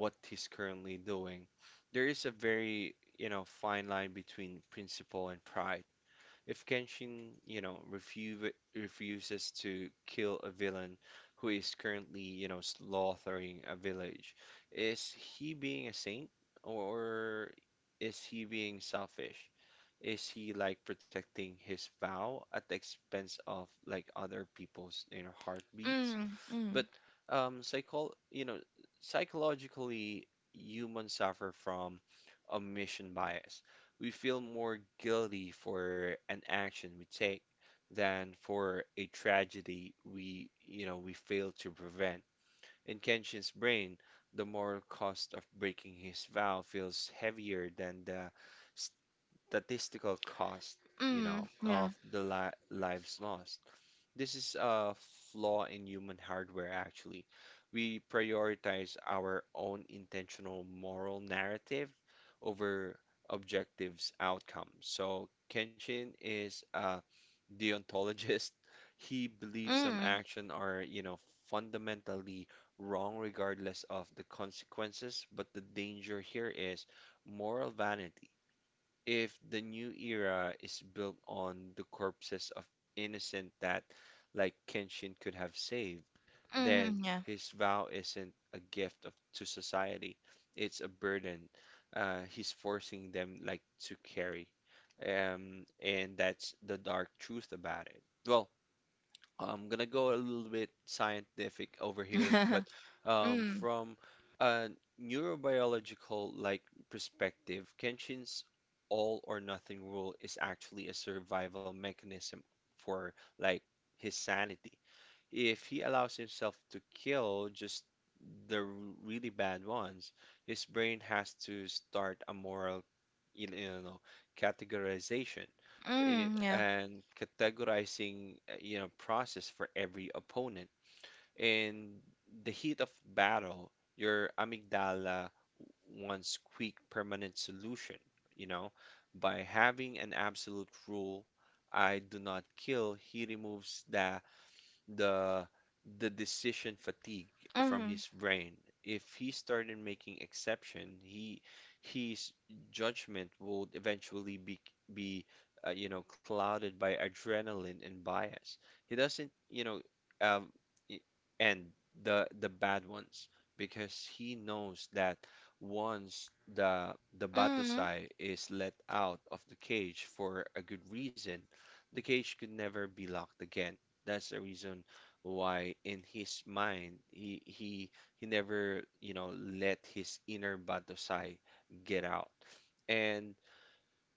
S1: what he's currently doing, there is a very, fine line between principle and pride. If Kenshin, refuses to kill a villain who is currently, slaughtering a village, is he being a saint, or is he being selfish? Is he like protecting his vow at the expense of like other people's, heartbeats?
S2: Mm, mm,
S1: But um, psychol you know, psychologically, humans suffer from omission bias. We feel more guilty for an action we take than for a tragedy we, we fail to prevent. In Kenshin's brain, the moral cost of breaking his vow feels heavier than the statistical cost,
S2: mm,
S1: of
S2: yeah.
S1: the li lives lost. This is a flaw in human hardware, actually. We prioritize our own intentional moral narrative over objectives outcomes. So Kenshin is a deontologist. He believes some
S2: Mm,
S1: action are, fundamentally wrong regardless of the consequences, but the danger here is moral vanity. If the new era is built on the corpses of innocent that, like Kenshin, could have saved, then
S2: mm,
S1: his vow isn't a gift of, to society. It's a burden he's forcing them like to carry. And that's the dark truth about it. Well, I'm gonna go a little bit scientific over here,
S2: yeah.
S1: but
S2: Mm,
S1: from a neurobiological like perspective, Kenshin's all or nothing rule is actually a survival mechanism for like his sanity. If he allows himself to kill just the really bad ones, his brain has to start a moral, you know, categorization
S2: mm, yeah.
S1: and categorizing, process for every opponent. In the heat of battle, your amygdala wants quick, permanent solution, you know, by having an absolute rule. I do not kill. He removes the the decision fatigue from
S2: Mm,
S1: his brain. If he started making exception, he his judgment would eventually be clouded by adrenaline and bias. He doesn't, um, i- and the bad ones, because he knows that once the
S2: mm,
S1: Batusai is let out of the cage for a good reason, the cage could never be locked again. That's the reason why in his mind he never, let his inner Batosai get out. And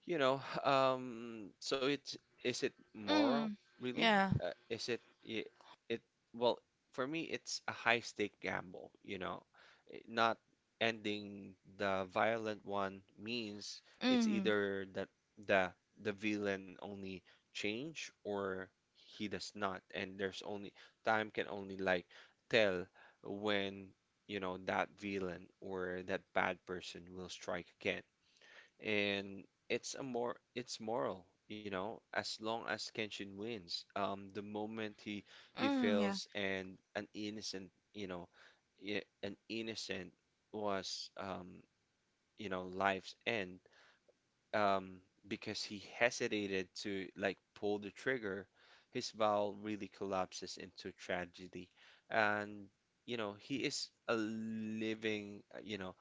S1: you know, so it's, is it moral
S2: mm,
S1: really?
S2: yeah.
S1: Is it it, it well, for me it's a high stake gamble, you know. Not ending the violent one means it's
S2: Mm.
S1: either that the villain only change, or he does not, and there's only time can only like tell when, that villain or that bad person will strike again. And it's a more it's moral, as long as Kenshin wins. The moment he
S2: Mm, yeah.
S1: fails and an innocent, an innocent was life's end. Um, because he hesitated to like pull the trigger, his vow really collapses into tragedy, and, he is a living,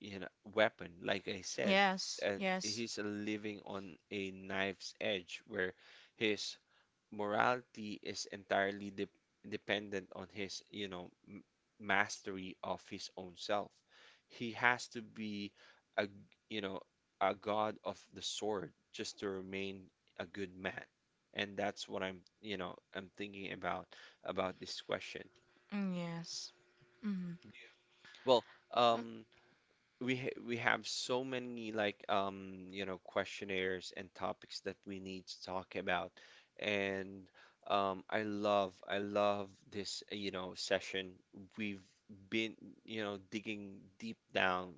S1: you know, weapon, like I said.
S2: Yes.
S1: And
S2: Yes.
S1: he's living on a knife's edge where his morality is entirely de dependent on his, you know, m mastery of his own self. He has to be a, you know, a god of the sword just to remain a good man. And that's what I'm, I'm thinking about this question.
S2: Mm, yes. Mm.
S1: Well, um, we have so many like you know questionnaires and topics that we need to talk about, and I love this you know session. We've been, you know, digging deep down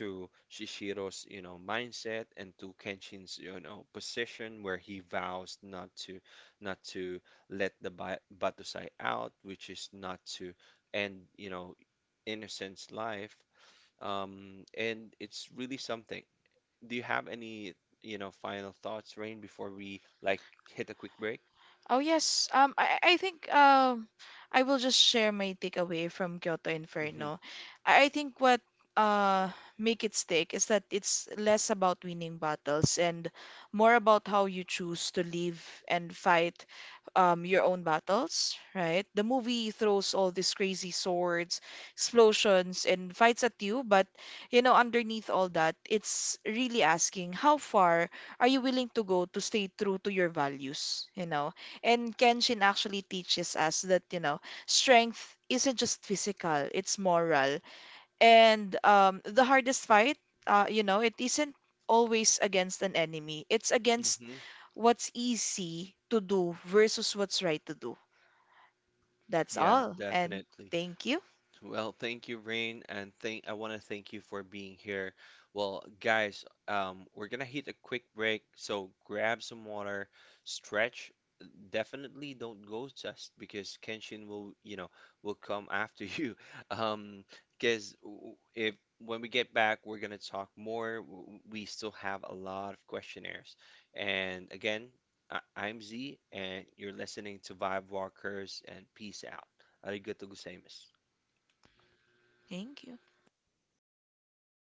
S1: to Shishiro's, you know, mindset, and to Kenshin's, you know, position where he vows not to, not to let the Batusai out, which is not to end, you know, innocence life. And it's really something. Do you have any, final thoughts, Rain, before we like hit a quick break?
S2: Oh yes, I think I will just share my takeaway from Kyoto
S1: Mm-hmm.
S2: Inferno. I think what uh make it stick is that it's less about winning battles and more about how you choose to live and fight your own battles, right? The movie throws all these crazy swords, explosions, and fights at you, but you know, underneath all that, it's really asking, how far are you willing to go to stay true to your values, you know? And Kenshin actually teaches us that, you know, strength isn't just physical, it's moral. And the hardest fight, you know, it isn't always against an enemy, it's against
S1: Mm-hmm.
S2: what's easy to do versus what's right to do. That's
S1: Yeah,
S2: all. And
S1: definitely.
S2: thank you.
S1: Well, thank you, Rain, and thank I want to thank you for being here. Well, guys, we're gonna hit a quick break, so grab some water, stretch, definitely don't go just because Kenshin will, will come after you. Um, because if when we get back, we're gonna talk more. We still have a lot of questionnaires. And again, I'm Z, and you're listening to Vibe Walkers. And peace out. Arigato gozaimasu.
S2: Thank you.